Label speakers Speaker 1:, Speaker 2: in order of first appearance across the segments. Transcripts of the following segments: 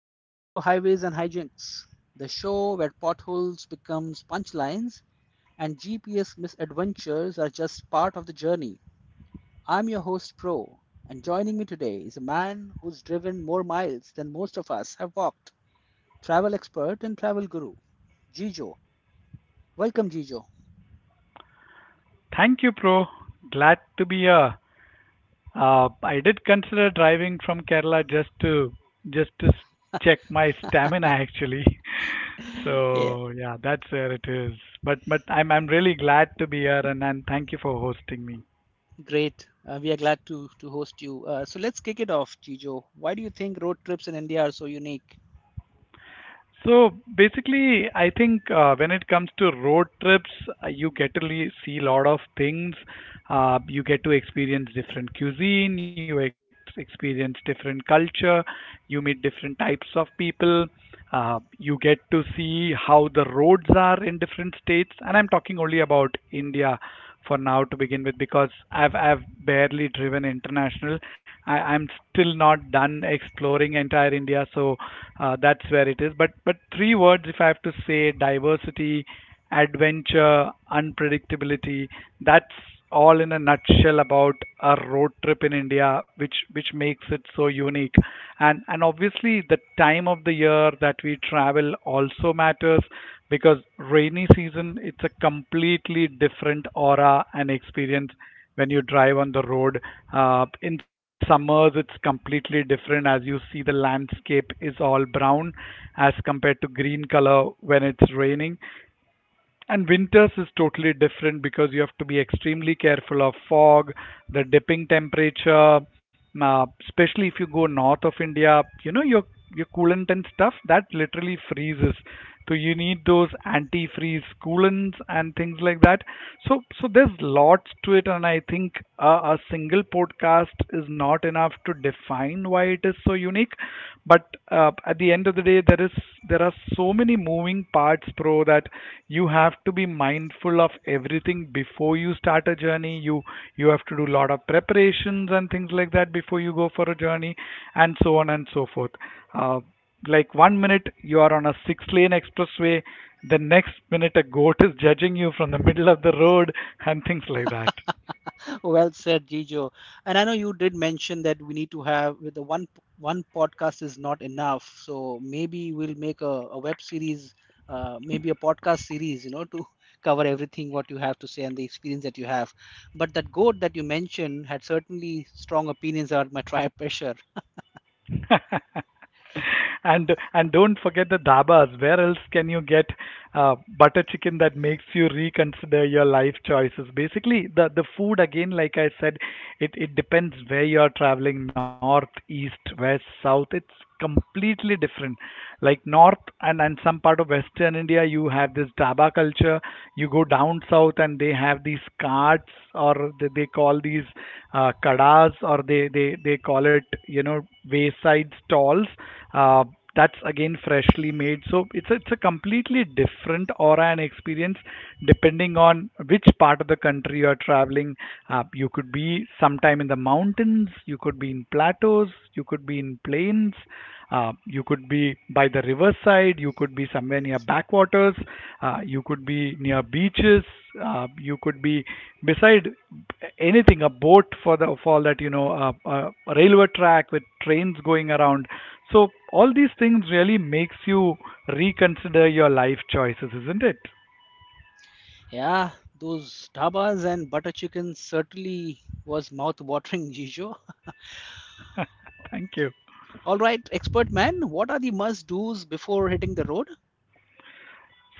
Speaker 1: Welcome to Highways and Hijinks, the show where potholes becomes punchlines and GPS misadventures are just part of the journey. I'm your host Pro, and joining me today is a man who's driven more miles than most of us have walked. Travel expert and travel guru, Gijo. Welcome, Gijo.
Speaker 2: Thank you, Pro. Glad to be here. I did consider driving from Kerala just to check my stamina actually.
Speaker 1: Yeah,
Speaker 2: So yeah, that's where it is. But I'm really glad to be here, and thank you for hosting me.
Speaker 1: great. We are glad to host you. So let's kick it off, Gijo. Why do you think road trips in India are so unique?
Speaker 2: So basically, I think when it comes to road trips, you get to see a lot of things. You get to experience different cuisine, you ex experience different culture, you meet different types of people, you get to see how the roads are in different states. And I'm talking only about India for now to begin with because I've barely driven international. I'm still not done exploring entire India, so that's where it is. But three words if I have to say: diversity, adventure, unpredictability. That's all in a nutshell about a road trip in India, which makes it so unique week. And obviously, the time of the year that we travel also matters because rainy season, it's a completely different aura and experience when you drive on the road. In summers, it's completely different as you see the landscape is all brown as compared to green color when it's raining. And winters is totally different because you have to be extremely careful of fog, the dipping temperature, especially if you go north of India, your coolant and stuff that literally freezes. So you need those antifreeze coolants and things like that. So there's lots to it, and I think a single podcast is not enough to define why it is so unique, but at the end of the day, there are so many moving parts, pro, that you have to be mindful of everything before you start a journey. You have to do a lot of preparations and things like that before you go for a journey and so on and so forth. uh, like one minute you are on a six-lane expressway, the next minute a goat is judging you from the middle of the road and things like that.
Speaker 1: Well said, Gijo. And I know you did mention that we need to have with the one, podcast is not enough. So maybe we'll make a web series, maybe a podcast series, you know, to cover everything what you have to say and the experience that you have. But that goat that you mentioned had certainly strong opinions about my tribe pressure.
Speaker 2: And don't forget the dabas. Where else can you get butter chicken that makes you reconsider your life choices? Basically, the food again, like I said, it depends where you are traveling. North, east, west, south. It's completely different. Like north and some part of western India, you have this daba culture. You go down south and they have these carts, or they call these kadas, or they call it, you know, wayside stalls. Uh, that's again freshly made. So it's a completely different aura and experience depending on which part of the country you're traveling. You could be sometime in the mountains, you could be in plateaus, you could be in plains. You could be by the riverside, you could be somewhere near backwaters, you could be near beaches, you could be beside anything, a boat for that a railway track with trains going around. So all these things really makes you reconsider your life choices, isn't it?
Speaker 1: Yeah, those dabas and butter chicken certainly was mouth-watering, Gijo.
Speaker 2: Thank you.
Speaker 1: All right, expert man, what are the must-dos before hitting the road?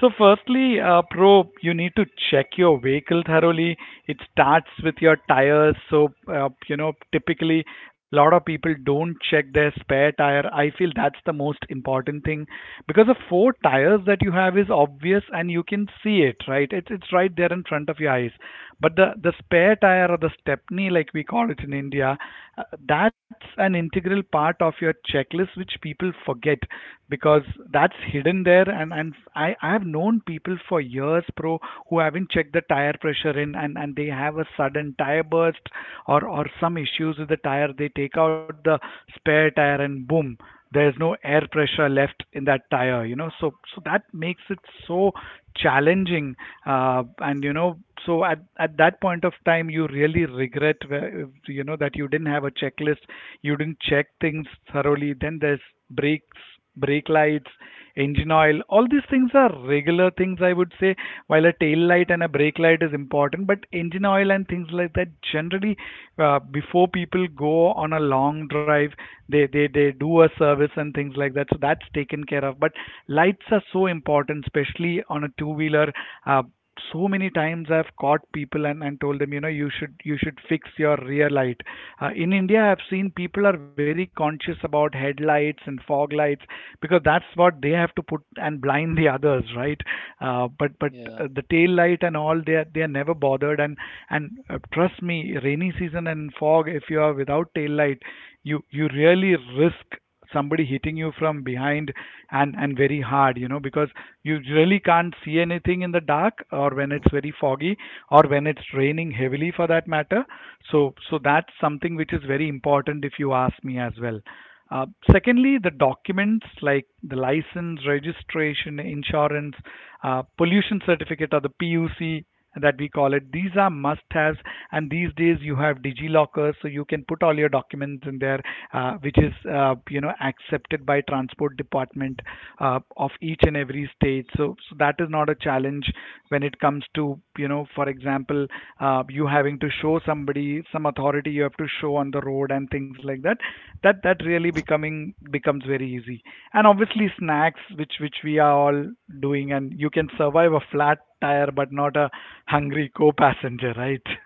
Speaker 2: So, firstly, Pro, you need to check your vehicle thoroughly. It starts with your tires. So, typically, a lot of people don't check their spare tire. I feel that's the most important thing because the four tires that you have is obvious and you can see it, right? It's right there in front of your eyes. But the spare tire, or the stepney, like we call it in India, that's an integral part of your checklist which people forget because that's hidden there, and I have known people for years, pro, who haven't checked the tire pressure in, and they have a sudden tire burst or some issues with the tire. They take out the spare tire and boom, there's no air pressure left in that tire. So that makes it so challenging. uh, and so at that point of time you really regret you know that you didn't have a checklist, you didn't check things thoroughly. Then there's brake lights, engine oil. All these things are regular things, I would say, while a tail light and a brake light is important. But engine oil and things like that, generally, before people go on a long drive, they do a service and things like that. So that's taken care of. But lights are so important, especially on a two wheeler. Uh, so many times I've caught people and, told them, you should fix your rear light. In India, I've seen people are very conscious about headlights and fog lights because that's what they have to put and blind the others, right? Uh, but but
Speaker 1: Yeah.
Speaker 2: uh, the tail light and all, they are never bothered. And trust me, rainy season and fog, if you are without tail light, you really risk somebody hitting you from behind, and very hard, because you really can't see anything in the dark, or when it's very foggy, or when it's raining heavily for that matter. So that's something which is very important if you ask me as well. uh, Secondly, the documents like the license, registration, insurance, pollution certificate, or the PUC that we call it, these are must haves. And these days you have DigiLocker, so you can put all your documents in there, which is, accepted by transport department of each and every state. So that is not a challenge when it comes to, for example, you having to show somebody some authority you have to show on the road and things like that. That that really becoming becomes very easy. And obviously snacks, which we are all doing, and you can survive a flat tire but not a hungry co-passenger, right?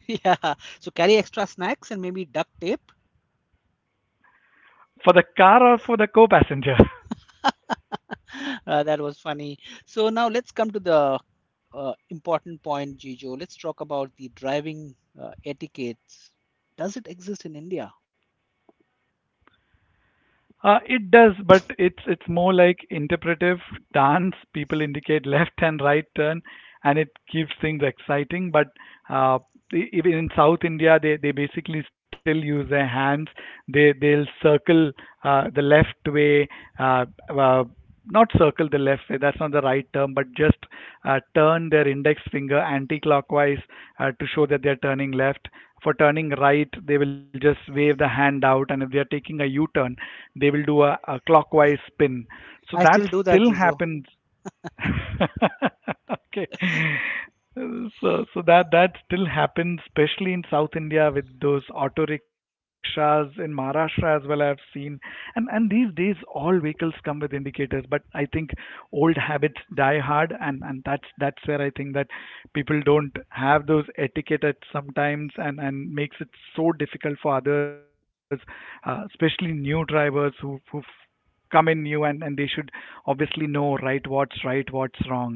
Speaker 1: Yeah, so carry extra snacks and maybe duct tape.
Speaker 2: For the car or for the co-passenger.
Speaker 1: That was funny. So now let's come to the important point, Gijo. Let's talk about the driving etiquettes. Does it exist in India?
Speaker 2: It does, but it's more like interpretive dance. People indicate left and right turn, and it keeps things exciting. But uh, even in South India, they basically still use their hands. They'll circle the left way. Uh, uh, Not circle the left way, that's not the right term, but just turn their index finger anti-clockwise to show that they are turning left. For turning right, they will just wave the hand out, and if they are taking a U-turn, they will do a clockwise spin. So
Speaker 1: I
Speaker 2: that
Speaker 1: still do that,
Speaker 2: still
Speaker 1: Gijo.
Speaker 2: happens. Okay. So that still happens, especially in South India with those auto rickshaws in Maharashtra as well. I've seen, and these days all vehicles come with indicators, but I think old habits die hard, and that's where I think that people don't have those etiquette at sometimes, and makes it so difficult for others, especially new drivers who come in new, and they should obviously know right, what's right, what's wrong.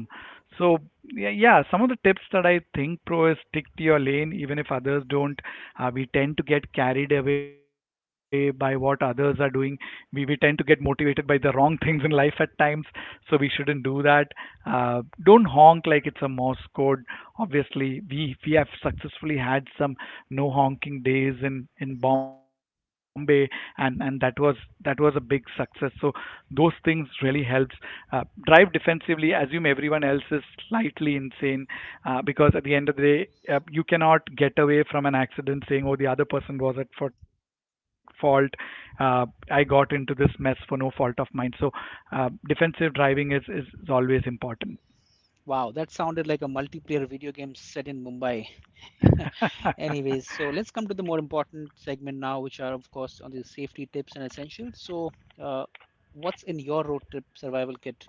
Speaker 2: So, yeah, yeah, some of the tips that I think, pro, is stick to your lane even if others don't. We tend to get carried away by what others are doing. We tend to get motivated by the wrong things in life at times, so we shouldn't do that. uh, don't honk like it's a morse code. Obviously we have successfully had some no Honking Days in Bombay, and that was a big success. So those things really helps. Drive defensively. Assume everyone else is slightly insane, because at the end of the day, you cannot get away from an accident saying, "Oh, the other person was at fault. I got into this mess for no fault of mine." So defensive driving is always important.
Speaker 1: Wow, that sounded like a multiplayer video game set in Mumbai. Anyways, so let's come to the more important segment now, which are, of course, on the safety tips and essentials. So, uh, what's in your road trip survival kit?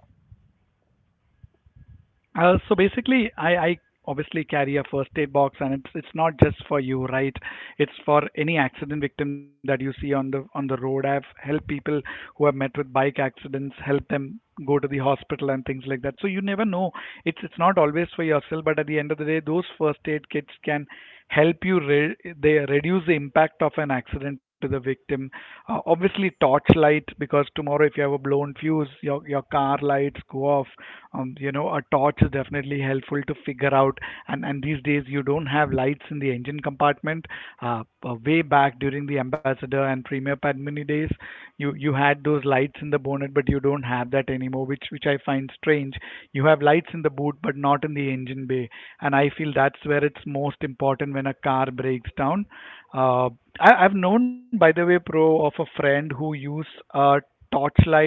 Speaker 2: So basically, I obviously carry a first aid box, and it's not just for you, right? It's for any accident victim that you see on the road. I've helped people who have met with bike accidents, help them go to the hospital and things like that. So you never know. It's not always for yourself, but at the end of the day, those first aid kits can help you they reduce the impact of an accident to the victim. Obviously, torch light, because tomorrow if you have a blown fuse, your car lights go off. A torch is definitely helpful to figure out. And these days you don't have lights in the engine compartment. Way back during the ambassador and premier padmini days, you had those lights in the bonnet, but you don't have that anymore, which I find strange. You have lights in the boot but not in the engine bay, and I feel that's where it's most important when a car breaks down. uh, I've known, by the way, pro, of a friend who used a torchlight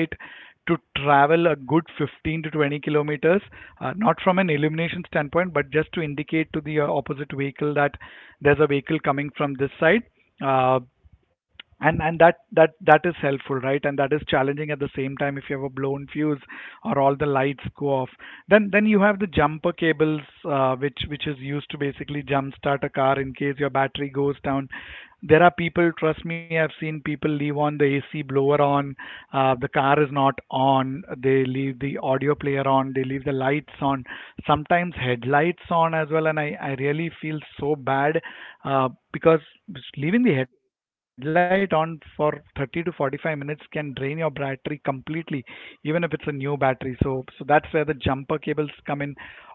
Speaker 2: to travel a good 15 to 20 kilometers, not from an illumination standpoint, but just to indicate to the opposite vehicle that there's a vehicle coming from this side. Uh, and that is helpful, right? And that is challenging at the same time if you have a blown fuse or all the lights go off. Then you have the jumper cables, which is used to basically jump start a car in case your battery goes down. There are people, trust me, I've seen people leave on the AC blower on, the car is not on, they leave the audio player on, they leave the lights on, sometimes headlights on as well, and I really feel so bad because leaving the headlight on for 30 to 45 minutes can drain your battery completely, even if it's a new battery. So that's where the jumper cables come in.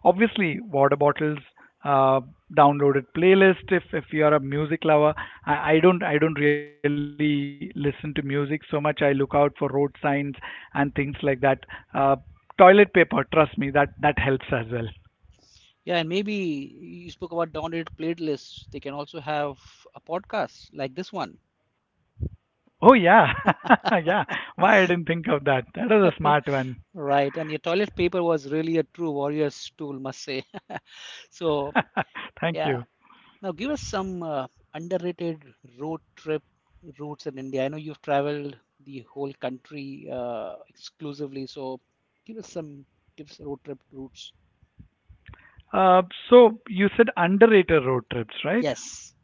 Speaker 2: Obviously, water bottles, uh, downloaded playlist if you are a music lover. I don't, I don't really listen to music so much. I look out for road signs and things like that. uh, Toilet paper, trust me, that helps as well.
Speaker 1: Yeah, and maybe you spoke about downloaded playlists. They can also have a podcast like this one.
Speaker 2: Oh yeah, yeah. Why I didn't think of that? That is a smart one.
Speaker 1: Right. And your toilet paper was really a true warrior's tool, must say. So,
Speaker 2: Thank
Speaker 1: yeah.
Speaker 2: you.
Speaker 1: Now, give us some underrated road trip routes in India. I know you've traveled the whole country exclusively. So, give us some tips, road trip routes.
Speaker 2: Uh, so you said underrated road trips, right?
Speaker 1: Yes.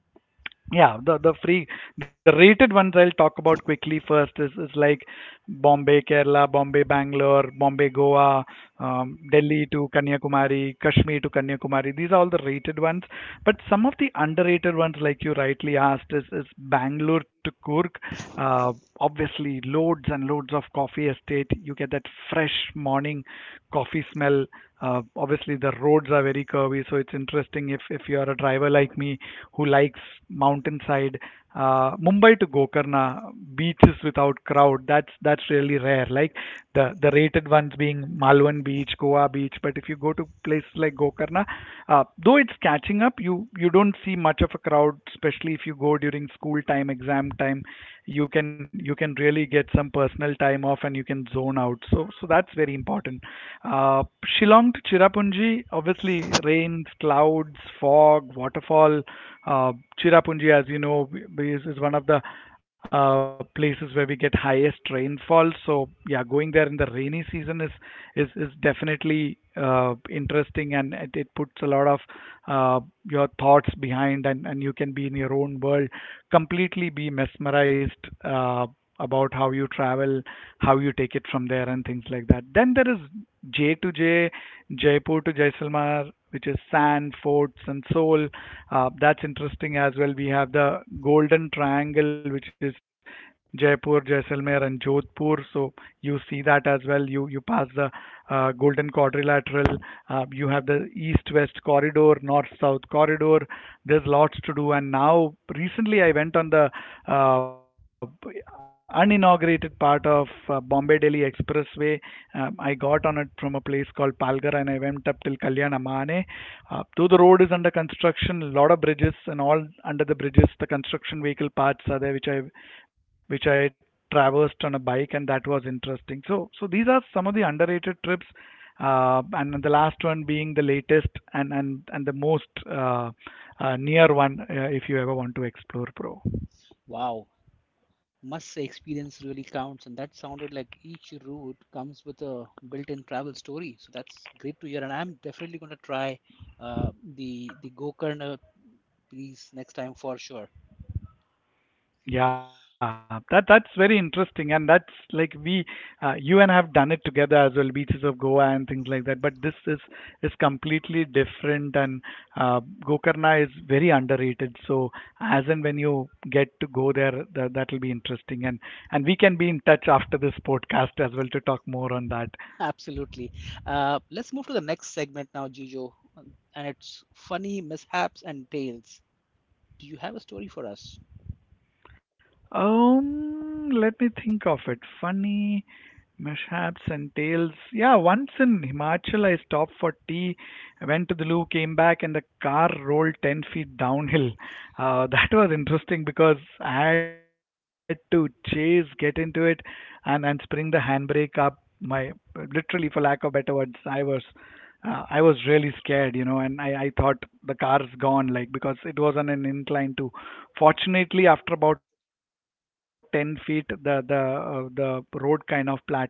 Speaker 2: Yeah, the free the rated ones I'll talk about quickly first is like Bombay, Kerala, Bombay, Bangalore, Bombay, Goa, Delhi to Kanyakumari, Kashmir to Kanyakumari. These are all the rated ones. But some of the underrated ones, like you rightly asked, is Bangalore to Kurk. Uh, Obviously, loads and loads of coffee estate. You get that fresh morning coffee smell. Obviously, the roads are very curvy, so it's interesting if you are a driver like me who likes mountainside. Mumbai to Gokarna, beaches without crowd. That's really rare. Like, the rated ones being Malwan Beach, Goa Beach. But if you go to places like Gokarna, though it's catching up, you don't see much of a crowd, especially if you go during school time, exam time. You can really get some personal time off and you can zone worn out. So that's very important. Uh, Shillong to Cherrapunji, obviously rains, clouds, fog, waterfall. Uh, Cherrapunji, as you know, is one of the places where we get highest rainfall. So yeah, going there in the rainy season is definitely interesting, and it puts a lot of uh, your thoughts behind, and you can be in your own world, completely be mesmerized about how you travel, how you take it from there, and things like that. Then there is J to J2J, Jaipur to Jaisalmer, which is sand, forts, and soul. That's interesting as well. We have the Golden Triangle, which is Jaipur, Jaisalmer, and Jodhpur. So you see that as well. You pass the Golden Quadrilateral. You have the East-West Corridor, North-South Corridor. There's lots to do. And now, recently, I went on the uh, uninaugurated part of Bombay-Delhi Expressway. I got on it from a place called Palgar, and I went up till Kalyanamane. Though the road is under construction, a lot of bridges and all, under the bridges, the construction vehicle parts are there, which I traversed on a bike, and that was interesting. So, these are some of the underrated trips, and the last one being the latest and the most near one, if you ever want to explore Pro.
Speaker 1: Wow. Must say experience really counts and that sounded like each route comes with a built-in travel story, so that's great to hear, and I'm definitely going to try the Gokarna piece next time for sure.
Speaker 2: Yeah, that's very interesting, and that's like you and I have done it together as well, beaches of Goa and things like that. But this is completely different, and Gokarna is very underrated. So as and when you get to go there, that'll be interesting, and we can be in touch after this podcast as well to talk more on that.
Speaker 1: Absolutely. Let's move to the next segment now, Gijo, and it's funny mishaps and tales. Do you have a story for us?
Speaker 2: Let me think of it. Funny mishaps and tales. Yeah, once in Himachal, I stopped for tea, went to the loo, came back, and the car rolled 10 feet downhill. That was interesting because I had to chase, get into it, and spring the handbrake up. My, literally, for lack of better words, I was. I was really scared, you know, and I thought the car's gone, like, because it was on an incline too. Fortunately, after about 10 feet, the road kind of plateaued and it was a plane.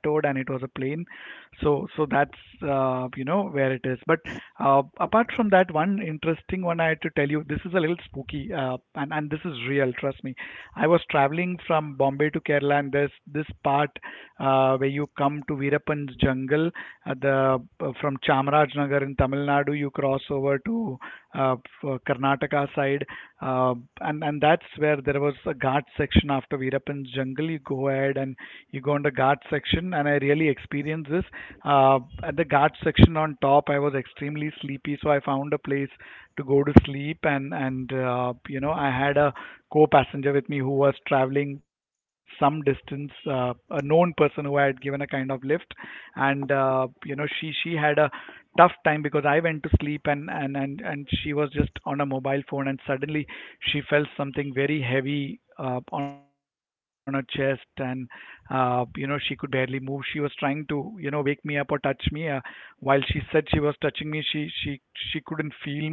Speaker 2: So that's, you know, where it is. But apart from that, one interesting one I had to tell you. This is a little spooky, and this is real. Trust me. I was traveling from Bombay to Kerala, and there's this part where you come to Veerapan's jungle at the, from Chamarajanagar in Tamil Nadu, you cross over to uh, Karnataka side, uh, and that's where there was a Ghat section after Veerappan's jungle. You go ahead and you go on the Ghat section, and I really experienced this. At the Ghat section on top, I was extremely sleepy, so I found a place to go to sleep, and you know, I had a co-passenger with me who was traveling some distance, a known person who I had given a kind of lift, and you know, she had a tough time because I went to sleep and and she was just on a mobile phone, and suddenly she felt something very heavy on her chest, and you know, she could barely move. She was trying to, you know, wake me up or touch me. While she said she was touching me, she couldn't feel me.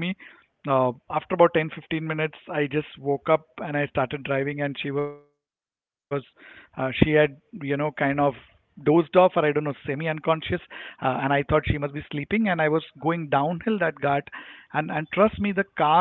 Speaker 2: After about 10 15 minutes, I just woke up and I started driving, and she was, she had, you know, kind of dozed off, or I don't know, semi unconscious. And I thought she must be sleeping. And I was going downhill that ghat. And trust me, the car,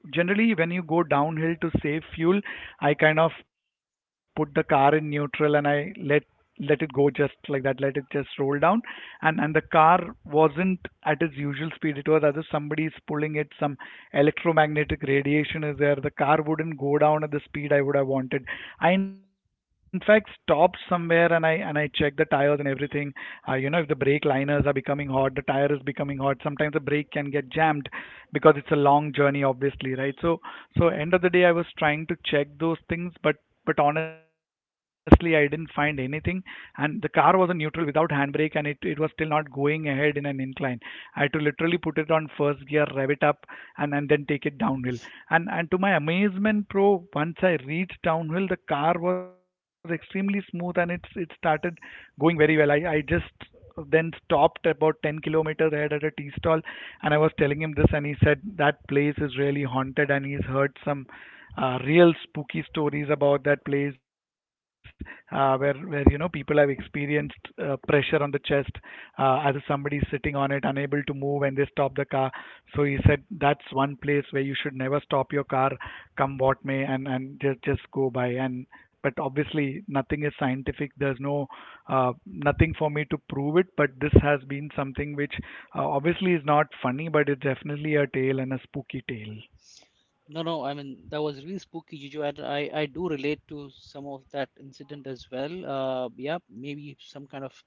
Speaker 2: generally, when you go downhill to save fuel, I kind of put the car in neutral and I let it go, just like that, let it just roll down. And the car wasn't at its usual speed. It was as if somebody's pulling it, some electromagnetic radiation is there. The car wouldn't go down at the speed I would have wanted. I, in fact, stopped somewhere and I checked the tires and everything. You know, if the brake liners are becoming hot, the tire is becoming hot. Sometimes the brake can get jammed because it's a long journey, obviously, right? So, so end of the day, I was trying to check those things, but honestly, I didn't find anything. And the car was in neutral without handbrake, and it was still not going ahead in an incline. I had to literally put it on first gear, rev it up, and then take it downhill. And, to my amazement, pro, once I reached downhill, the car was extremely smooth and it started going very well. I just then stopped about 10 kilometers ahead at a tea stall, and I was telling him this, and he said that place is really haunted and he's heard some real spooky stories about that place, where you know, people have experienced pressure on the chest, as if somebody's sitting on it, unable to move, and they stop the car. So he said that's one place where you should never stop your car, come what may, and just go by. And, but obviously, nothing is scientific. There's no nothing for me to prove it, but this has been something which, obviously, is not funny, but it's definitely a tale and a spooky tale.
Speaker 1: No, no, I mean that was really spooky, Gijo. And I do relate to some of that incident as well. Yeah, maybe some kind of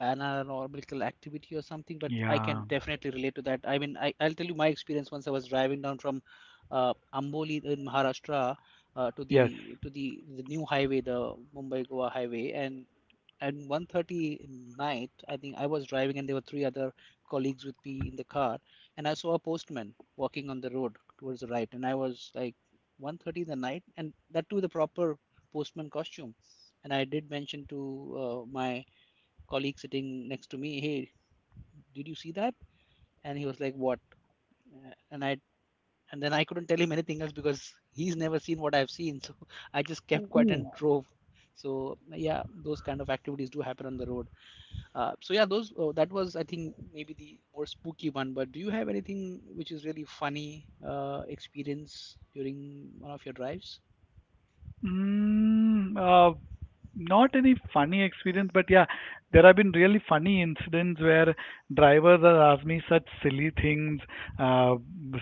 Speaker 1: paranormal activity or something, but I can
Speaker 2: Yeah.
Speaker 1: definitely relate to that. I mean, I'll tell you my experience. Once I was driving down from Amboli in Maharashtra to
Speaker 2: Yes.
Speaker 1: the new highway, the Mumbai Goa highway, and at 1:30 in night, I think I was driving, and there were three other colleagues with me in the car, and I saw a postman walking on the road towards the right, and I was like 1:30 in the night, and that too the proper postman costume, and I did mention to my colleague sitting next to me, "Hey, did you see that?" And he was like, "What?" And I and then I couldn't tell him anything else because he's never seen what I've seen. So I just kept quiet and
Speaker 2: Ooh.
Speaker 1: drove. So yeah, those kind of activities do happen on the road. So yeah, those oh, that was I think maybe the more spooky one. But do you have anything which is really funny, experience during one of your drives?
Speaker 2: Mm, uh, Not any funny experience, but yeah, there have been really funny incidents where drivers have asked me such silly things. Uh,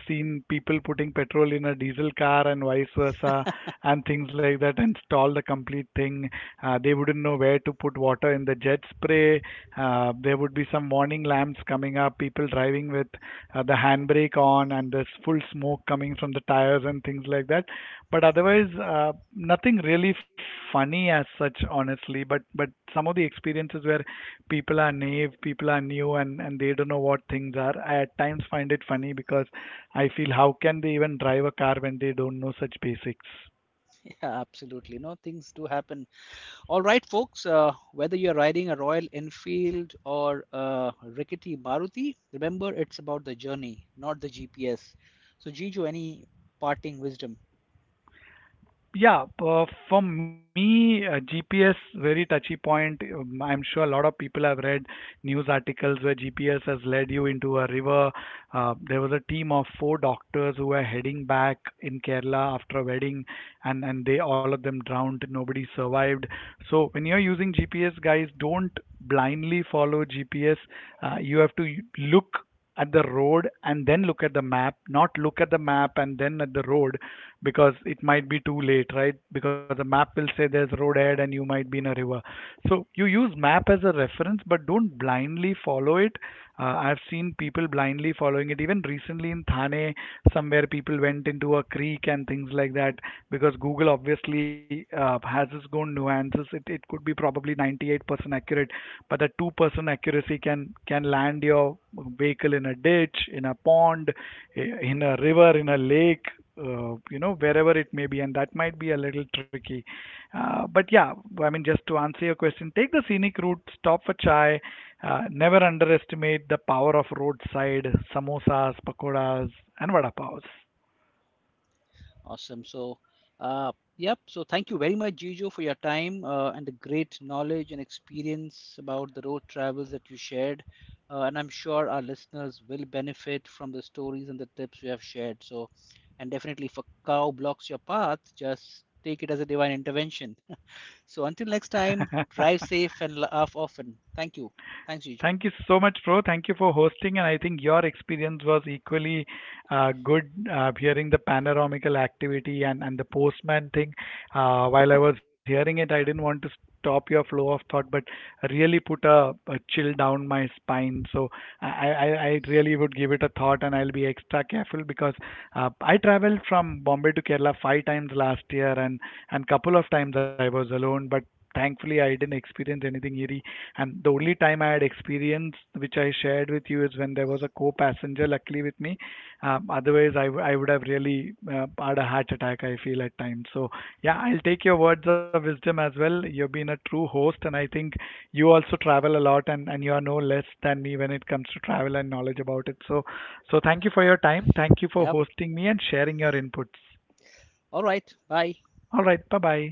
Speaker 2: Seen people putting petrol in a diesel car and vice versa, and things like that, and stall the complete thing. They wouldn't know where to put water in the jet spray. There would be some warning lamps coming up, people driving with the handbrake on, and there's full smoke coming from the tires and things like that. But otherwise, nothing really funny as such, honestly. But some of the experiences where people are naive, people are new, and they don't know what things are, I at times find it funny because I feel, how can they even drive a car when they don't know such basics?
Speaker 1: Yeah, absolutely. No, things do happen. All right, folks, whether you're riding a Royal Enfield or a rickety Maruti, remember it's about the journey, not the GPS. So, Jijo, any parting wisdom?
Speaker 2: Yeah, for me, GPS, very touchy point. I'm sure a lot of people have read news articles where GPS has led you into a river. There was a team of 4 doctors who were heading back in Kerala after a wedding, and they all of them drowned. Nobody survived. So when you're using GPS, guys, don't blindly follow GPS. You have to look at the road and then look at the map, not look at the map and then at the road, because it might be too late, right? Because the map will say there's road ahead and you might be in a river. So you use map as a reference, but don't blindly follow it. I've seen people blindly following it. Even recently in Thane, somewhere people went into a creek and things like that, because Google, obviously, has its own nuances. It could be probably 98% accurate, but the 2% accuracy can land your vehicle in a ditch, in a pond, in a river, in a lake, you know, wherever it may be, and that might be a little tricky. But yeah, I mean, just to answer your question, take the scenic route, stop for chai, never underestimate the power of roadside samosas, pakoras, and vada pavs.
Speaker 1: Awesome. So, yep. So, thank you very much, Jijo, for your time, and the great knowledge and experience about the road travels that you shared. And I'm sure our listeners will benefit from the stories and the tips you have shared. So, and definitely, if a cow blocks your path, just take it as a divine intervention. So until next time, drive safe and laugh often. Thank you. Thanks, Jijo.
Speaker 2: Thank you so much, bro. Thank you for hosting, and I think your experience was equally good, hearing the panoramical activity and the postman thing. While I was hearing it, I didn't want to stop your flow of thought, but really put a chill down my spine. So I, I really would give it a thought and I'll be extra careful because I traveled from Bombay to Kerala 5 times last year, and couple of times I was alone, but thankfully I didn't experience anything eerie. And the only time I had experienced, which I shared with you, is when there was a co passenger luckily with me. Otherwise, I would have really, had a heart attack, I feel, at times. So, yeah, I'll take your words of wisdom as well. You've been a true host, and I think you also travel a lot, and you are no less than me when it comes to travel and knowledge about it. So, so thank you for your time. Thank you for
Speaker 1: Yep.
Speaker 2: hosting me and sharing your inputs.
Speaker 1: All right. Bye.
Speaker 2: All right, bye bye.